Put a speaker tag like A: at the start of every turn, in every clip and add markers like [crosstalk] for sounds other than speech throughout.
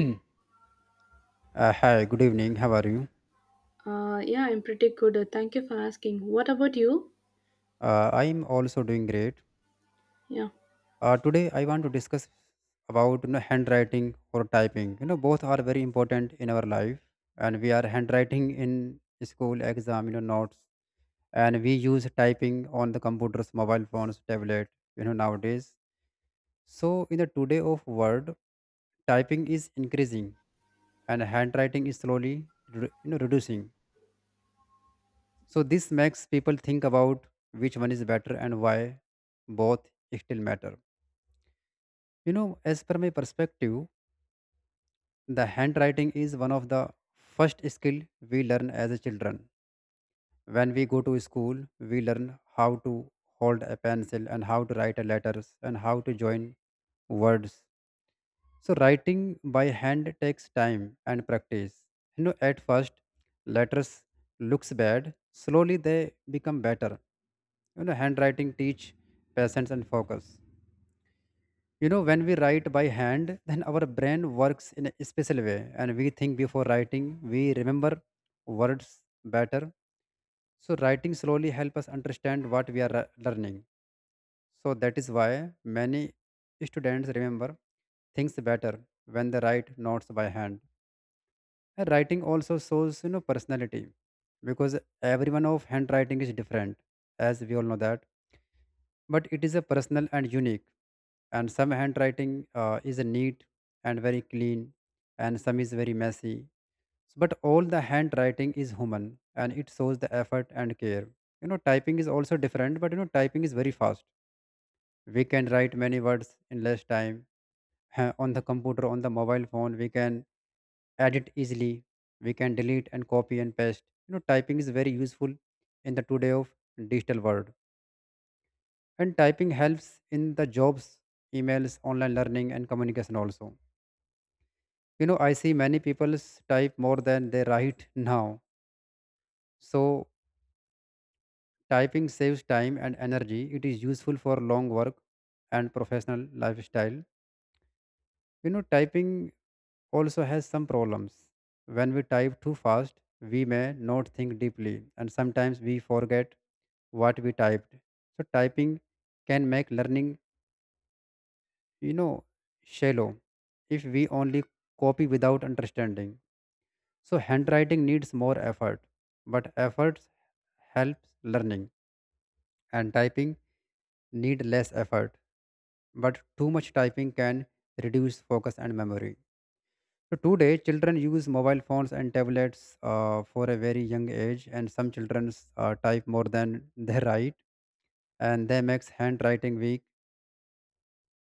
A: Hmm. Hi, good evening. How are you?
B: Yeah, I'm pretty good. Thank you for asking. What about you?
A: I'm also doing great.
B: Yeah.
A: Today, I want to discuss about handwriting or typing. Both are very important in our life, and we are handwriting in school exam, notes, and we use typing on the computers, mobile phones, tablet, nowadays. So, in the today of world, typing is increasing, and handwriting is slowly, reducing. So this makes people think about which one is better and why both still matter. As per my perspective, the handwriting is one of the first skill we learn as a children. When we go to school, we learn how to hold a pencil and how to write a letters and how to join words. So writing by hand takes time and practice. At first letters looks bad. Slowly they become better. Handwriting teach patience and focus. When we write by hand, then our brain works in a special way, and we think before writing. We remember words better. So writing slowly help us understand what we are learning. So that is why many students remember things better when they write notes by hand. And writing also shows personality, because everyone of handwriting is different, as we all know that, but it is a personal and unique, and some handwriting is neat and very clean, and some is very messy, but all the handwriting is human and it shows the effort and care. Typing is also different, but typing is very fast. We can write many words in less time. On the computer, on the mobile phone, we can edit easily. We can delete and copy and paste. Typing is very useful in the today of digital world, and typing helps in the jobs, emails, online learning, and communication also. I see many people type more than they write now. So typing saves time and energy. It is useful for long work and professional lifestyle. Typing also has some problems. When we type too fast, we may not think deeply, and sometimes we forget what we typed. So typing can make learning, you know, shallow if we only copy without understanding. So handwriting needs more effort, but efforts helps learning, and typing need less effort, but too much typing can reduce focus and memory. So today, children use mobile phones and tablets for a very young age, and some children type more than they write, and they makes handwriting weak.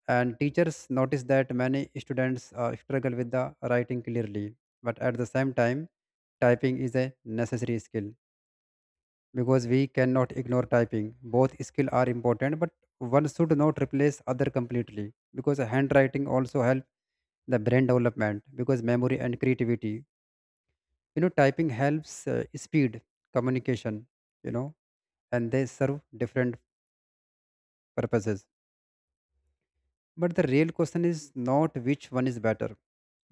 A: And teachers notice that many students struggle with the writing clearly, but at the same time, typing is a necessary skill because we cannot ignore typing. Both skills are important, but one should not replace other completely, because handwriting also help the brain development, because memory and creativity. Typing helps speed communication, you know and they serve different purposes. But the real question is not which one is better.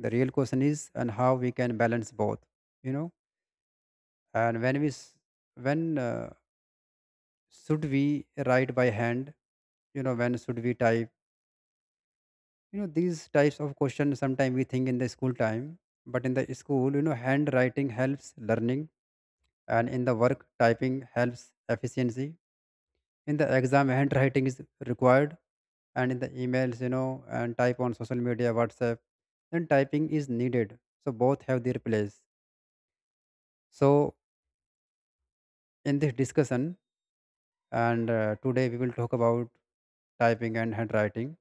A: The real question is and how we can balance both you know and when when uh, should we write by hand? When should we type? These types of questions sometimes we think in the school time. But in the school, handwriting helps learning, and in the work, typing helps efficiency. In the exam, handwriting is required, and in the emails, and type on social media, whatsapp, then typing is needed. So both have their place. So in this discussion, and today we will talk about typing and handwriting.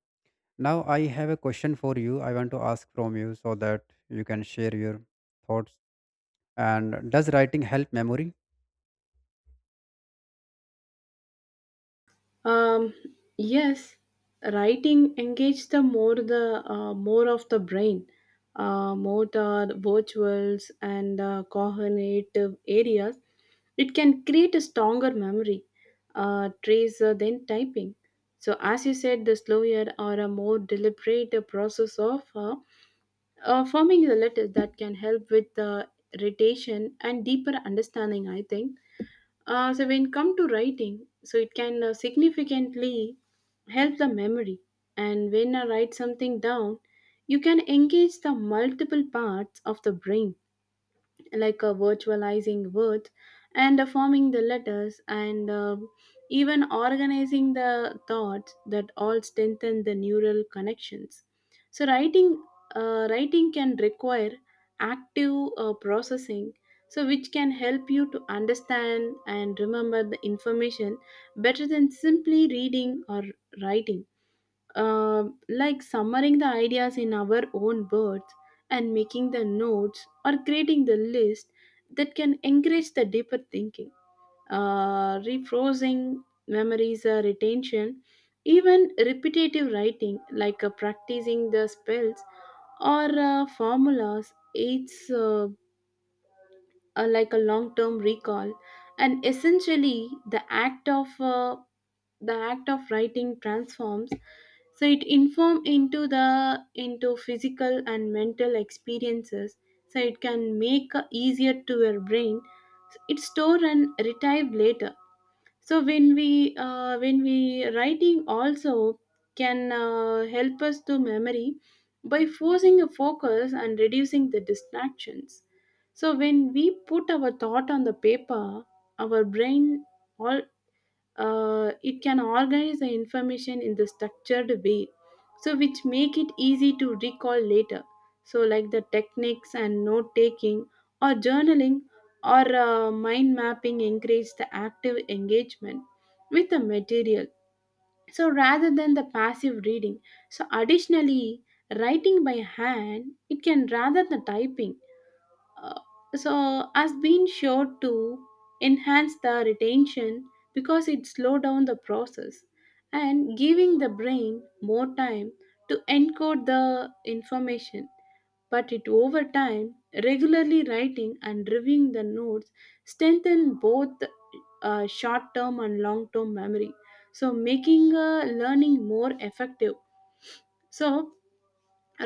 A: Now I have a question for you. I want to ask from you so that you can share your thoughts. And does writing help memory?
B: Um, yes, writing engages the more of the brain, more the virtuals and cognitive areas. It can create a stronger memory, trace than typing. So as you said, the slower or a more deliberate process of forming the letters that can help with the irritation and deeper understanding I think. So when come to writing so it can significantly help the memory, and when I write something down you can engage the multiple parts of the brain like virtualizing words and forming the letters and even organizing the thoughts that all strengthen the neural connections. So writing can require active processing, so which can help you to understand and remember the information better than simply reading or writing. Um, like summarizing the ideas in our own words and making the notes or creating the list, that can encourage the deeper thinking. Rephrasing memories, retention, even repetitive writing like practicing the spells or formulas aids like a long term recall. And essentially the act of writing transforms, so it inform into the into physical and mental experiences, so it can make easier to your brain it store and retrieve later. So when we writing also can help us to memory by forcing a focus and reducing the distractions. So when we put our thought on the paper, our brain all, it can organize the information in the structured way, so which make it easy to recall later. So like the techniques and note taking or journaling or mind mapping encourage the active engagement with the material, so rather than the passive reading. So additionally, writing by hand it can rather the typing, uh, so has been sure to enhance the retention because it slow down the process and giving the brain more time to encode the information. But it over time, regularly writing and reviewing the notes strengthen both short term and long term memory, so making learning more effective. So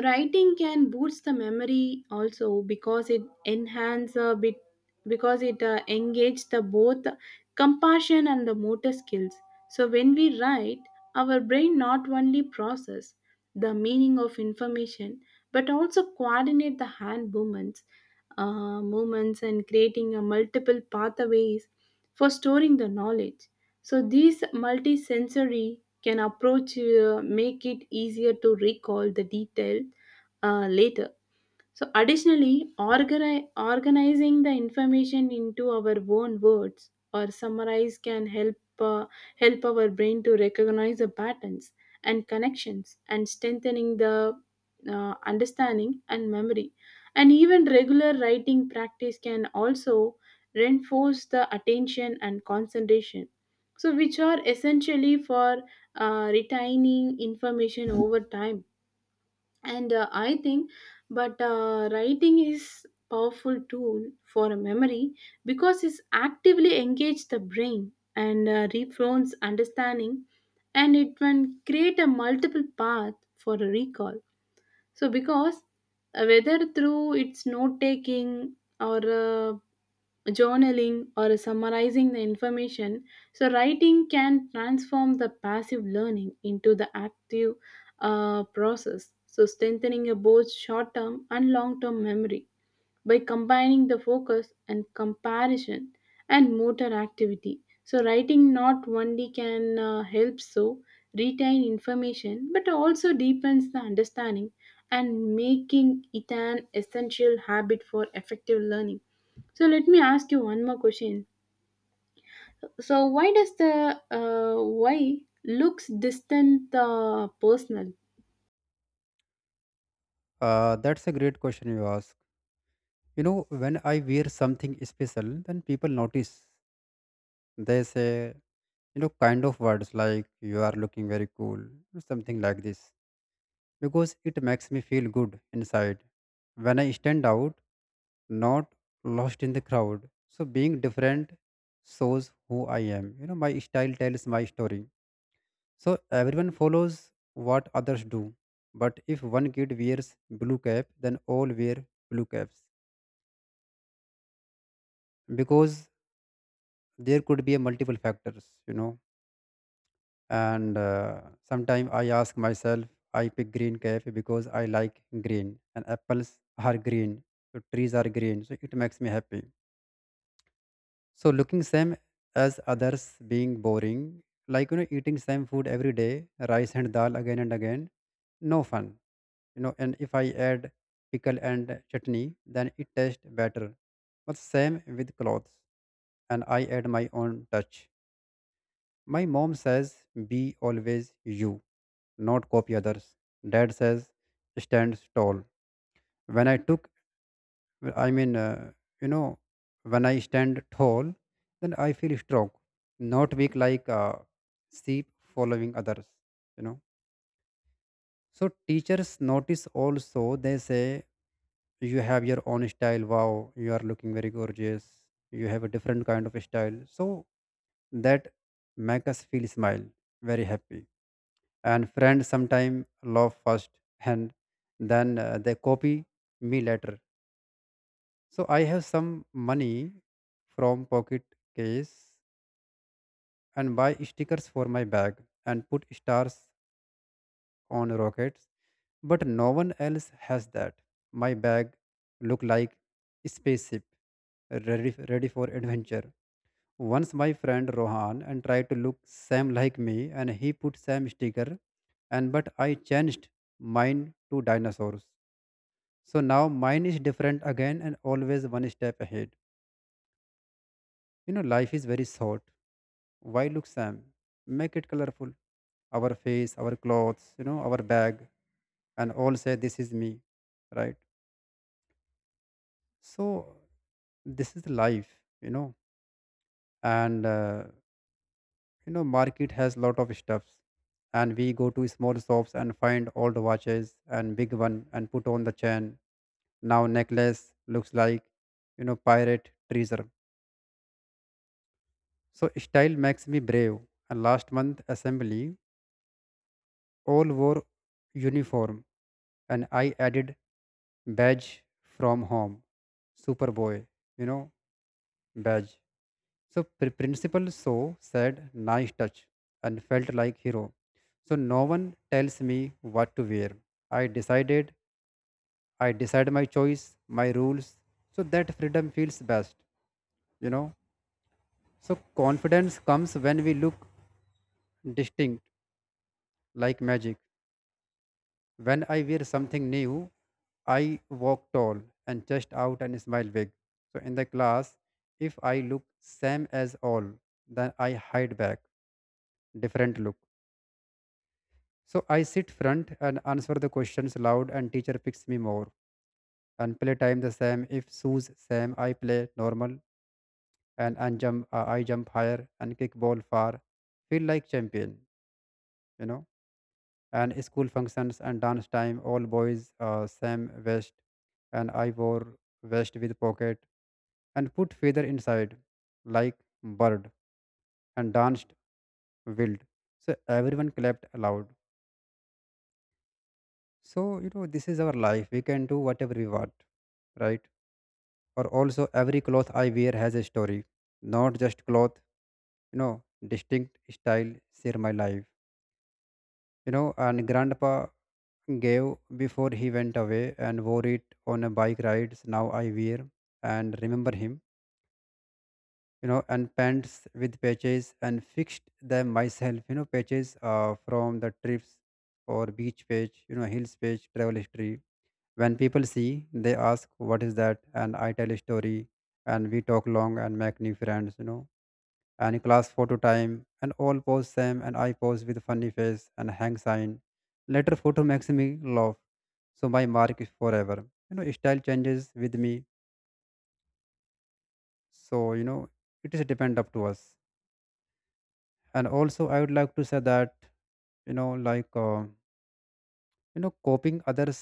B: writing can boost the memory also because it enhance a bit, because it engage the both compassion and the motor skills. So when we write, our brain not only process the meaning of information but also coordinate the hand movements and creating a multiple pathways for storing the knowledge. So these multisensory can approach make it easier to recall the detail later. So, additionally, organizing the information into our own words or summarize can help our brain to recognize the patterns and connections and strengthening the understanding and memory. And even regular writing practice can also reinforce the attention and concentration. So, which are essentially for retaining information over time. And I think, but writing is powerful tool for a memory because it actively engage the brain and reframes understanding, and it can create a multiple path for a recall. So, because whether through its note taking or journaling or summarizing the information, so writing can transform the passive learning into the active process, so strengthening your both short term and long term memory by combining the focus and comparison and motor activity. So, writing not only can help so retain information but also deepens the understanding and making it an essential habit for effective learning. So, let me ask you one more question. So, why does the why looks distant personal?
A: That's a great question you ask. You know when I wear something special, then people notice. They say, kind of words like you are looking very cool, or something like this, because it makes me feel good inside, when I stand out, not lost in the crowd. So being different shows who I am. My style tells my story. So everyone follows what others do, but if one kid wears blue cap, then all wear blue caps, because there could be a multiple factors. And sometimes I ask myself, I pick green cafe because I like green and apples are green, so trees are green, so it makes me happy. So looking same as others being boring, like eating same food every day, rice and dal again and again, no fun. And if I add pickle and chutney, then it tastes better. But same with clothes, and I add my own touch. My mom says, be always you, not copy others. Dad says, stand tall. When I took, I mean, you know, when I stand tall, then I feel strong, not weak like a sheep following others, you know. So teachers notice also, they say, you have your own style. Wow, you are looking very gorgeous. You have a different kind of style. So that make us feel smile, very happy, and friends sometime laugh first and then they copy me later. So I have some money from pocket case, and buy stickers for my bag, and put stars on rockets, but no one else has that. My bag look like a spaceship, ready for adventure. Once my friend Rohan and tried to look same like me, and he put same sticker, and but I changed mine to dinosaurs. So now mine is different again, and always one step ahead. Life is very short. Why look Sam? Make it colorful. Our face, our clothes, our bag, and all say this is me, right? So this is life. And market has lot of stuffs, and we go to small shops and find old watches and big one, and put on the chain. Now necklace looks like pirate treasure. So style makes me brave. And last month assembly, all wore uniform, and I added badge from home, Superboy, you know, badge. So principal so said nice touch and felt like hero. So no one tells me what to wear. I decided. I decide my choice, my rules. So that freedom feels best, you know. So confidence comes when we look distinct, like magic. When I wear something new, I walk tall and chest out and smile big. So in the class, if I look same as all, then I hide back, different look. So I sit front and answer the questions loud, and teacher picks me more. And play time the same. If shoes same, I play normal, and jump I jump higher and kick ball far. Feel like champion, you know. And school functions and dance time, all boys same vest, and I wore vest with pocket and put feather inside like bird and danced wild. So everyone clapped aloud. So this is our life, we can do whatever we want, right? Or also every cloth I wear has a story, not just cloth. You know distinct style share my life. And grandpa gave before he went away, and wore it on a bike rides, now I wear and remember him. And pants with patches, and fixed them myself. Patches from the trips, or beach page, hills page, travel history. When people see, they ask what is that, and I tell a story, and we talk long and make new friends. And class photo time, and all pose same, and I pose with funny face and hang sign. Later photo makes me laugh. So my mark is forever. Style changes with me. So, it is depend up to us. And also I would like to say that, like copying others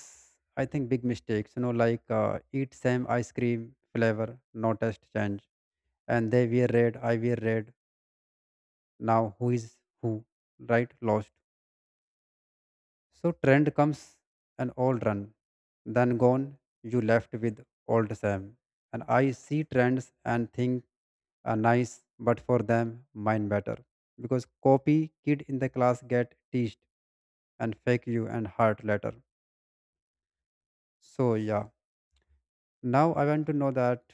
A: I think big mistakes, like eat same ice cream flavor, no taste change. And they wear red, I wear red. Now who is who? Right? Lost. So trend comes and all run. Then gone, you left with old Sam. And I see trends and think are nice, but for them, mine better. Because copy kid in the class get teased and fake you and hurt later. So yeah. Now I want to know that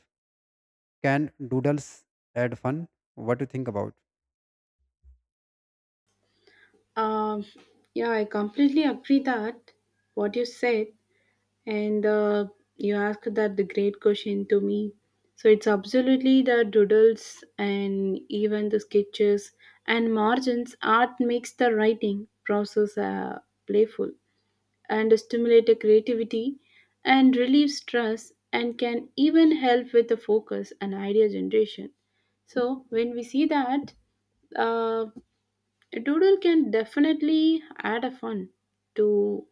A: can doodles add fun? What do you think about?
B: Um, yeah, I completely agree that what you said, and you asked that the great question to me. So it's absolutely the doodles and even the sketches and margins art makes the writing process playful and stimulate the creativity and relieve stress and can even help with the focus and idea generation. So when we see that, uh, a doodle can definitely add a fun to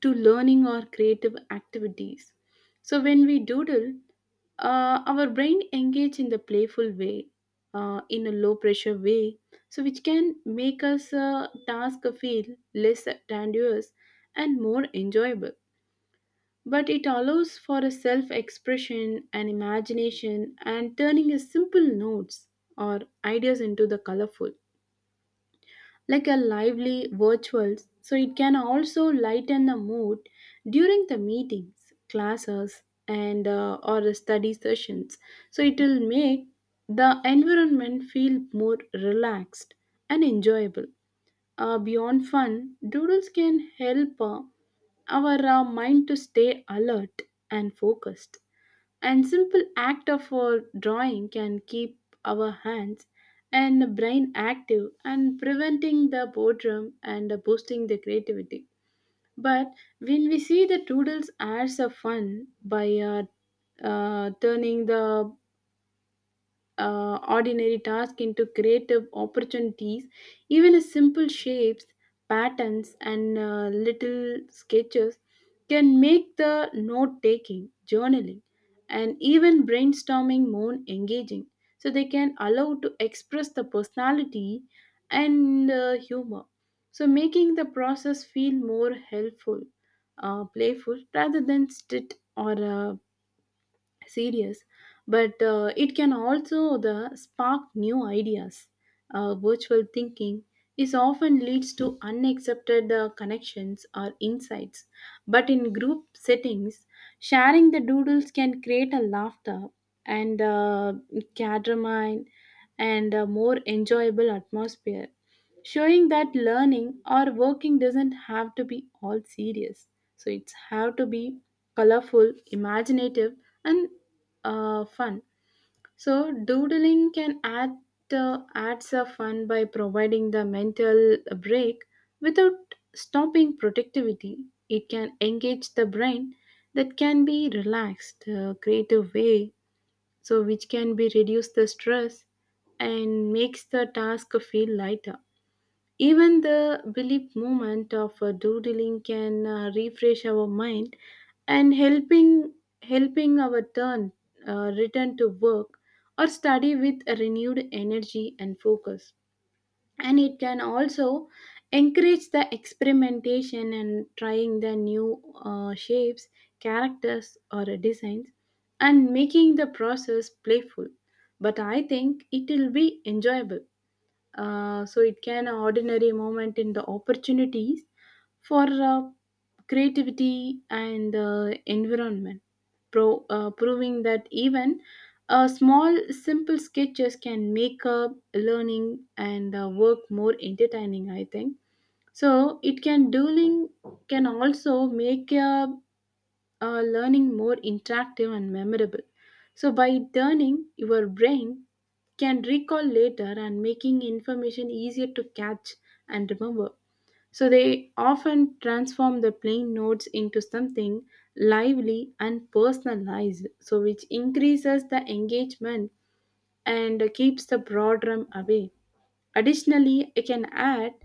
B: to learning or creative activities. So when we doodle, our brain engage in the playful way, in a low pressure way, so which can make us task feel less tedious and more enjoyable. But it allows for a self expression and imagination and turning a simple notes or ideas into the colorful like a lively virtual. So it can also lighten the mood during the meetings classes and or the study sessions, so it will make the environment feel more relaxed and enjoyable. Beyond fun, doodles can help our mind to stay alert and focused, and simple act of drawing can keep our hands and brain active and preventing the boredom and boosting the creativity. But when we see the doodles as a fun by turning the ordinary tasks into creative opportunities. Even a simple shapes, patterns, and little sketches can make the note taking, journaling, and even brainstorming more engaging. So they can allow to express the personality and humor. So making the process feel more helpful, playful rather than strict or serious. But it can also the spark new ideas. Virtual thinking is often leads to unaccepted connections or insights. But in group settings, sharing the doodles can create a laughter and cadramine and a more enjoyable atmosphere, showing that learning or working doesn't have to be all serious. So it's have to be colorful, imaginative, and fun. So doodling can add adds a fun by providing the mental break without stopping productivity. It can engage the brain that can be relaxed, creative way, so which can be reduce the stress and makes the task feel lighter. Even the brief moment of doodling can refresh our mind and helping our turn return to work or study with a renewed energy and focus. And it can also encourage the experimentation and trying the new shapes, characters, or designs, and making the process playful. But I think it will be enjoyable, so it can an ordinary moment in the opportunities for creativity and environment, proving that even small, simple sketches can make up learning and work more entertaining. I think so. It can dueling can also make learning more interactive and memorable. So by turning your brain can recall later and making information easier to catch and remember. So they often transform the plain notes into something lively and personalized, so which increases the engagement and keeps the boredom away. Additionally, I can add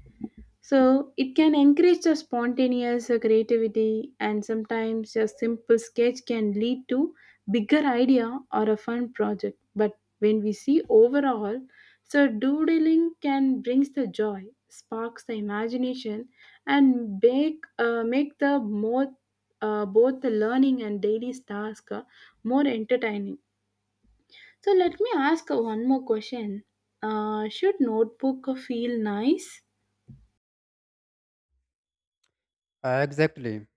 B: so it can encourage the spontaneous creativity, and sometimes a simple sketch can lead to bigger idea or a fun project. But when we see overall, so doodling can brings the joy, sparks the imagination, and make the more both the learning and daily task more entertaining. So let me ask one more question. Should notebook feel nice?
A: Exactly.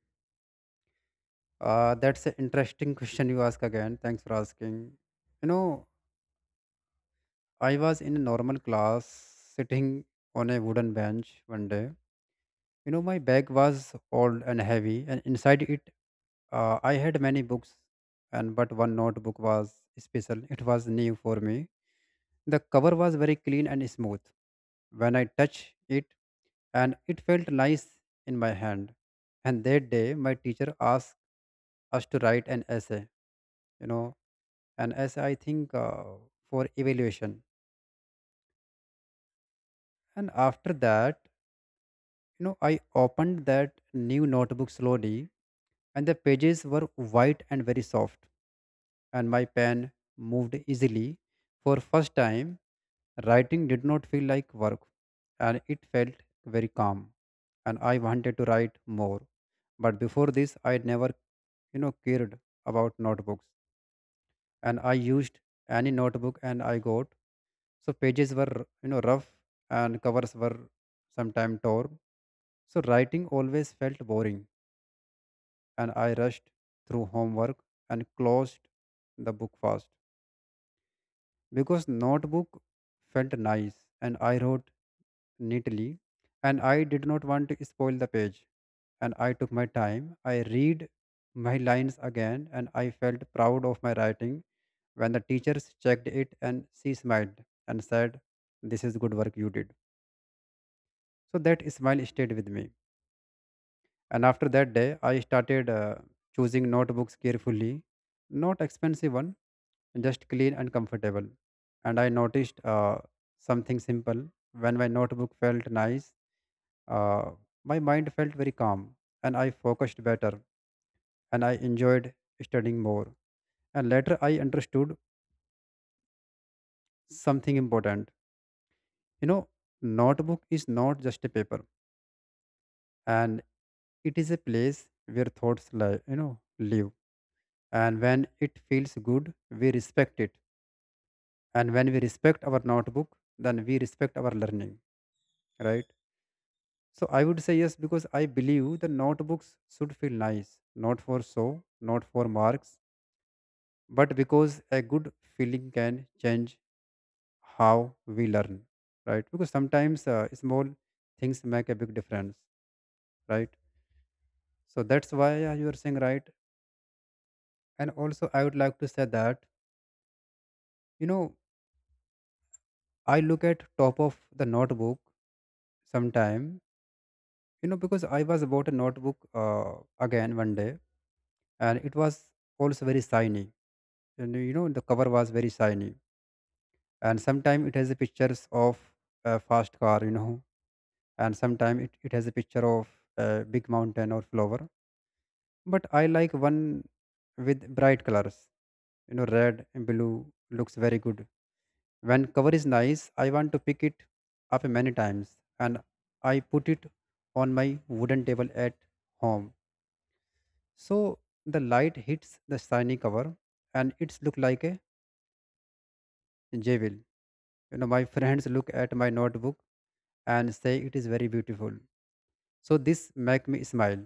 A: That's an interesting question you ask again. Thanks for asking. You know, I was in a normal class sitting on a wooden bench one day. My bag was old and heavy, and inside it, I had many books, and but one notebook was special. It was new for me. The cover was very clean and smooth when I touched it, and it felt nice in my hand. And that day, my teacher asked us to write an essay, you know, an essay, I think, uh, for evaluation. And after that, I opened that new notebook slowly, and the pages were white and very soft, and my pen moved easily. For first time, writing did not feel like work, and it felt very calm. And I wanted to write more, but before this, I never, cared about notebooks, and I used any notebook and I got, so pages were, rough, and covers were sometimes torn, so writing always felt boring and I rushed through homework and closed the book fast because notebook felt nice and I wrote neatly and I did not want to spoil the page and I took my time. I read my lines again and I felt proud of my writing when the teachers checked it and she smiled and said, "This is good work you did." So that smile stayed with me. And after that day, I started choosing notebooks carefully, not expensive one, just clean and comfortable. And I noticed something simple. When my notebook felt nice, uh, my mind felt very calm and I focused better and I enjoyed studying more. And later I understood something important. You know, notebook is not just a paper, and it is a place where thoughts live, live. And when it feels good we respect it, and when we respect our notebook then we respect our learning, right? So I would say yes because I believe the notebooks should feel nice, not for show, not for marks, but because a good feeling can change how we learn, right? Because sometimes small things make a big difference, right? So that's why you are saying right. And also I would like to say that, you know I look at top of the notebook sometime, because I was bought a notebook again one day, and it was also very shiny, and you know the cover was very shiny, and sometime it has a pictures of a fast car, you know, and sometime it has a picture of a big mountain or flower. But I like one with bright colors, you know, red and blue looks very good. When cover is nice, I want to pick it up many times, and I put it on my wooden table at home. So the light hits the shiny cover and it's look like a jewel. You know, my [laughs] friends look at my notebook and say it is very beautiful. So this make me smile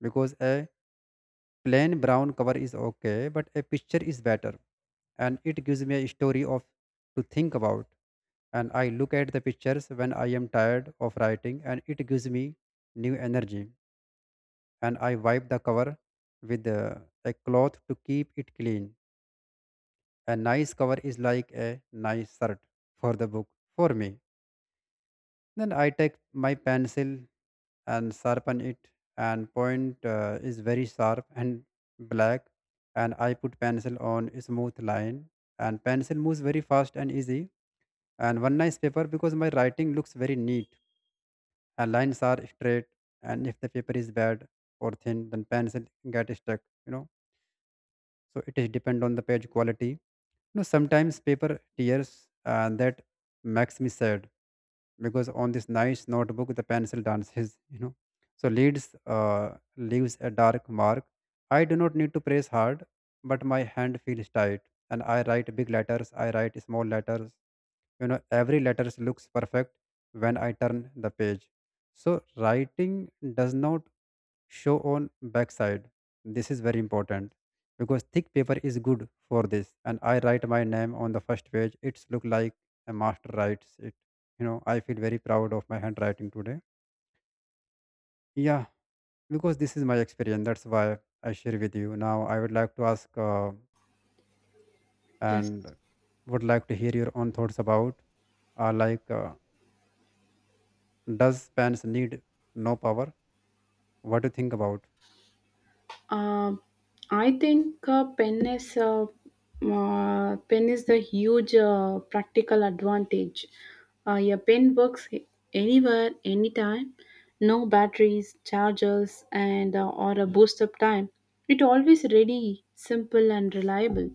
A: because a plain brown cover is okay, but a picture is better and it gives me a story of to think about. And I look at the pictures when I am tired of writing and it gives me new energy. And I wipe the cover with a cloth to keep it clean. A nice cover is like a nice shirt for the book for me. Then I take my pencil and sharpen it, and point is very sharp and black, and I put pencil on a smooth line and pencil moves very fast and easy, and one nice paper because my writing looks very neat and lines are straight. And if the paper is bad or thin then pencil get stuck, you know. So it is depend on the page quality, you know, sometimes paper tears and that makes me sad because on this nice notebook the pencil dances, you know. So leads leaves a dark mark. I do not need to press hard but my hand feels tight, and I write big letters, I write small letters, you know, every letter looks perfect when I turn the page, so writing does not show on backside. This is very important because thick paper is good for this. And I write my name on the first page, it's look like a master writes it, you know. I feel very proud of my handwriting today, yeah, because this is my experience, that's why I share with you. Now I would like to ask
B: Yes.
A: and would like to hear your own thoughts about, uh, like uh, does pants need no power? What do you think about?
B: Um, I think pen is the huge practical advantage. Your pen works anywhere, anytime. No batteries, chargers, and or a boost up time. It always ready, simple, and reliable.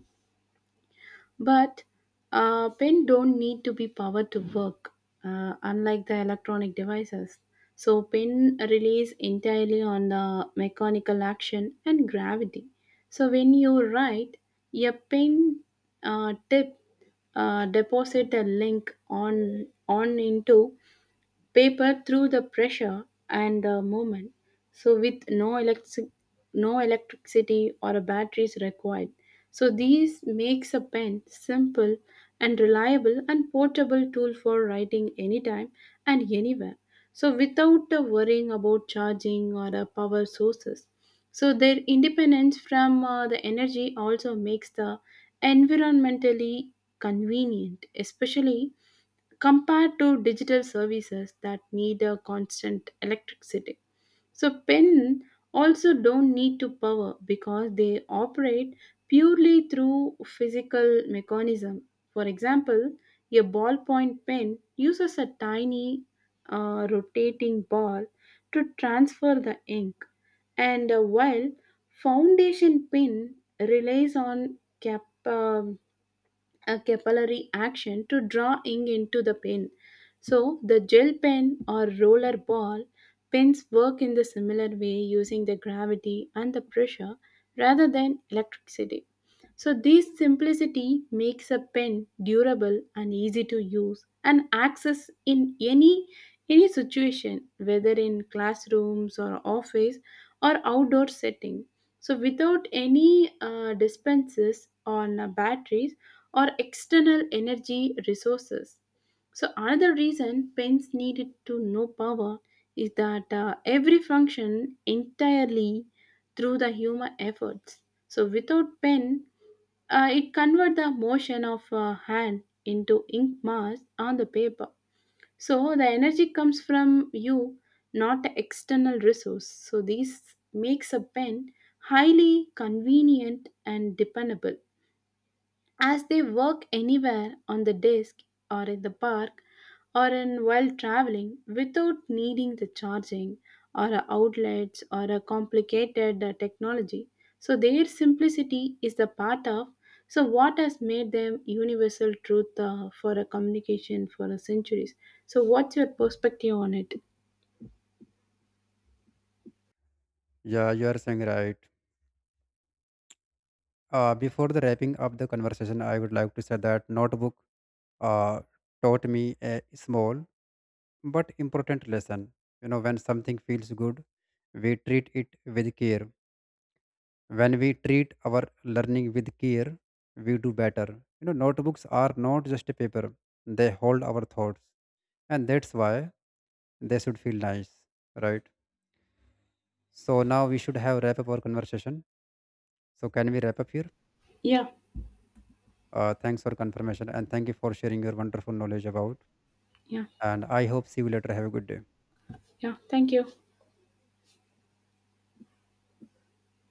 B: But pen don't need to be powered to work, unlike the electronic devices. So pen relies entirely on the mechanical action and gravity. So when you write, a pen tip deposit a link on into paper through the pressure and the movement. So with no electric, no electricity or a batteries required. So these makes a pen simple and reliable and portable tool for writing anytime and anywhere. So without worrying about charging or power sources. So their independence from the energy also makes the environmentally convenient, especially compared to digital services that need a constant electricity. So pen also don't need to power because they operate purely through physical mechanism. For example, a ballpoint pen uses a tiny rotating ball to transfer the ink, and while foundation pen relies on a capillary action to draw ink into the pen. So, the gel pen or roller ball pens work in the similar way using the gravity and the pressure rather than electricity. So, this simplicity makes a pen durable and easy to use and access in any situation, whether in classrooms or office or outdoor setting, so without any dispenses on batteries or external energy resources. So, another reason pens needed to know power is that every function entirely through the human efforts. So, without pen, it convert the motion of a hand into ink mass on the paper. So the energy comes from you, not the external resource. So this makes a pen highly convenient and dependable. As they work anywhere on the desk or in the park or in while traveling without needing the charging or a outlets or a complicated technology. So their simplicity is the part of so what has made them universal truth for a communication for a centuries. So what's your perspective on it?
A: Yeah, you are saying right. Before the wrapping up the conversation, I would like to say that notebook uh, taught me a small but important lesson. You know, when something feels good, we treat it with care. When we treat our learning with care, we do better. You know, notebooks are not just a paper; they hold our thoughts, and that's why they should feel nice, right? So now we should have wrap up our conversation. So can we wrap up here?
B: Yeah,
A: Thanks for confirmation and thank you for sharing your wonderful knowledge about.
B: yeah,
A: And I hope see you later. Have a good day.
B: yeah. Thank you.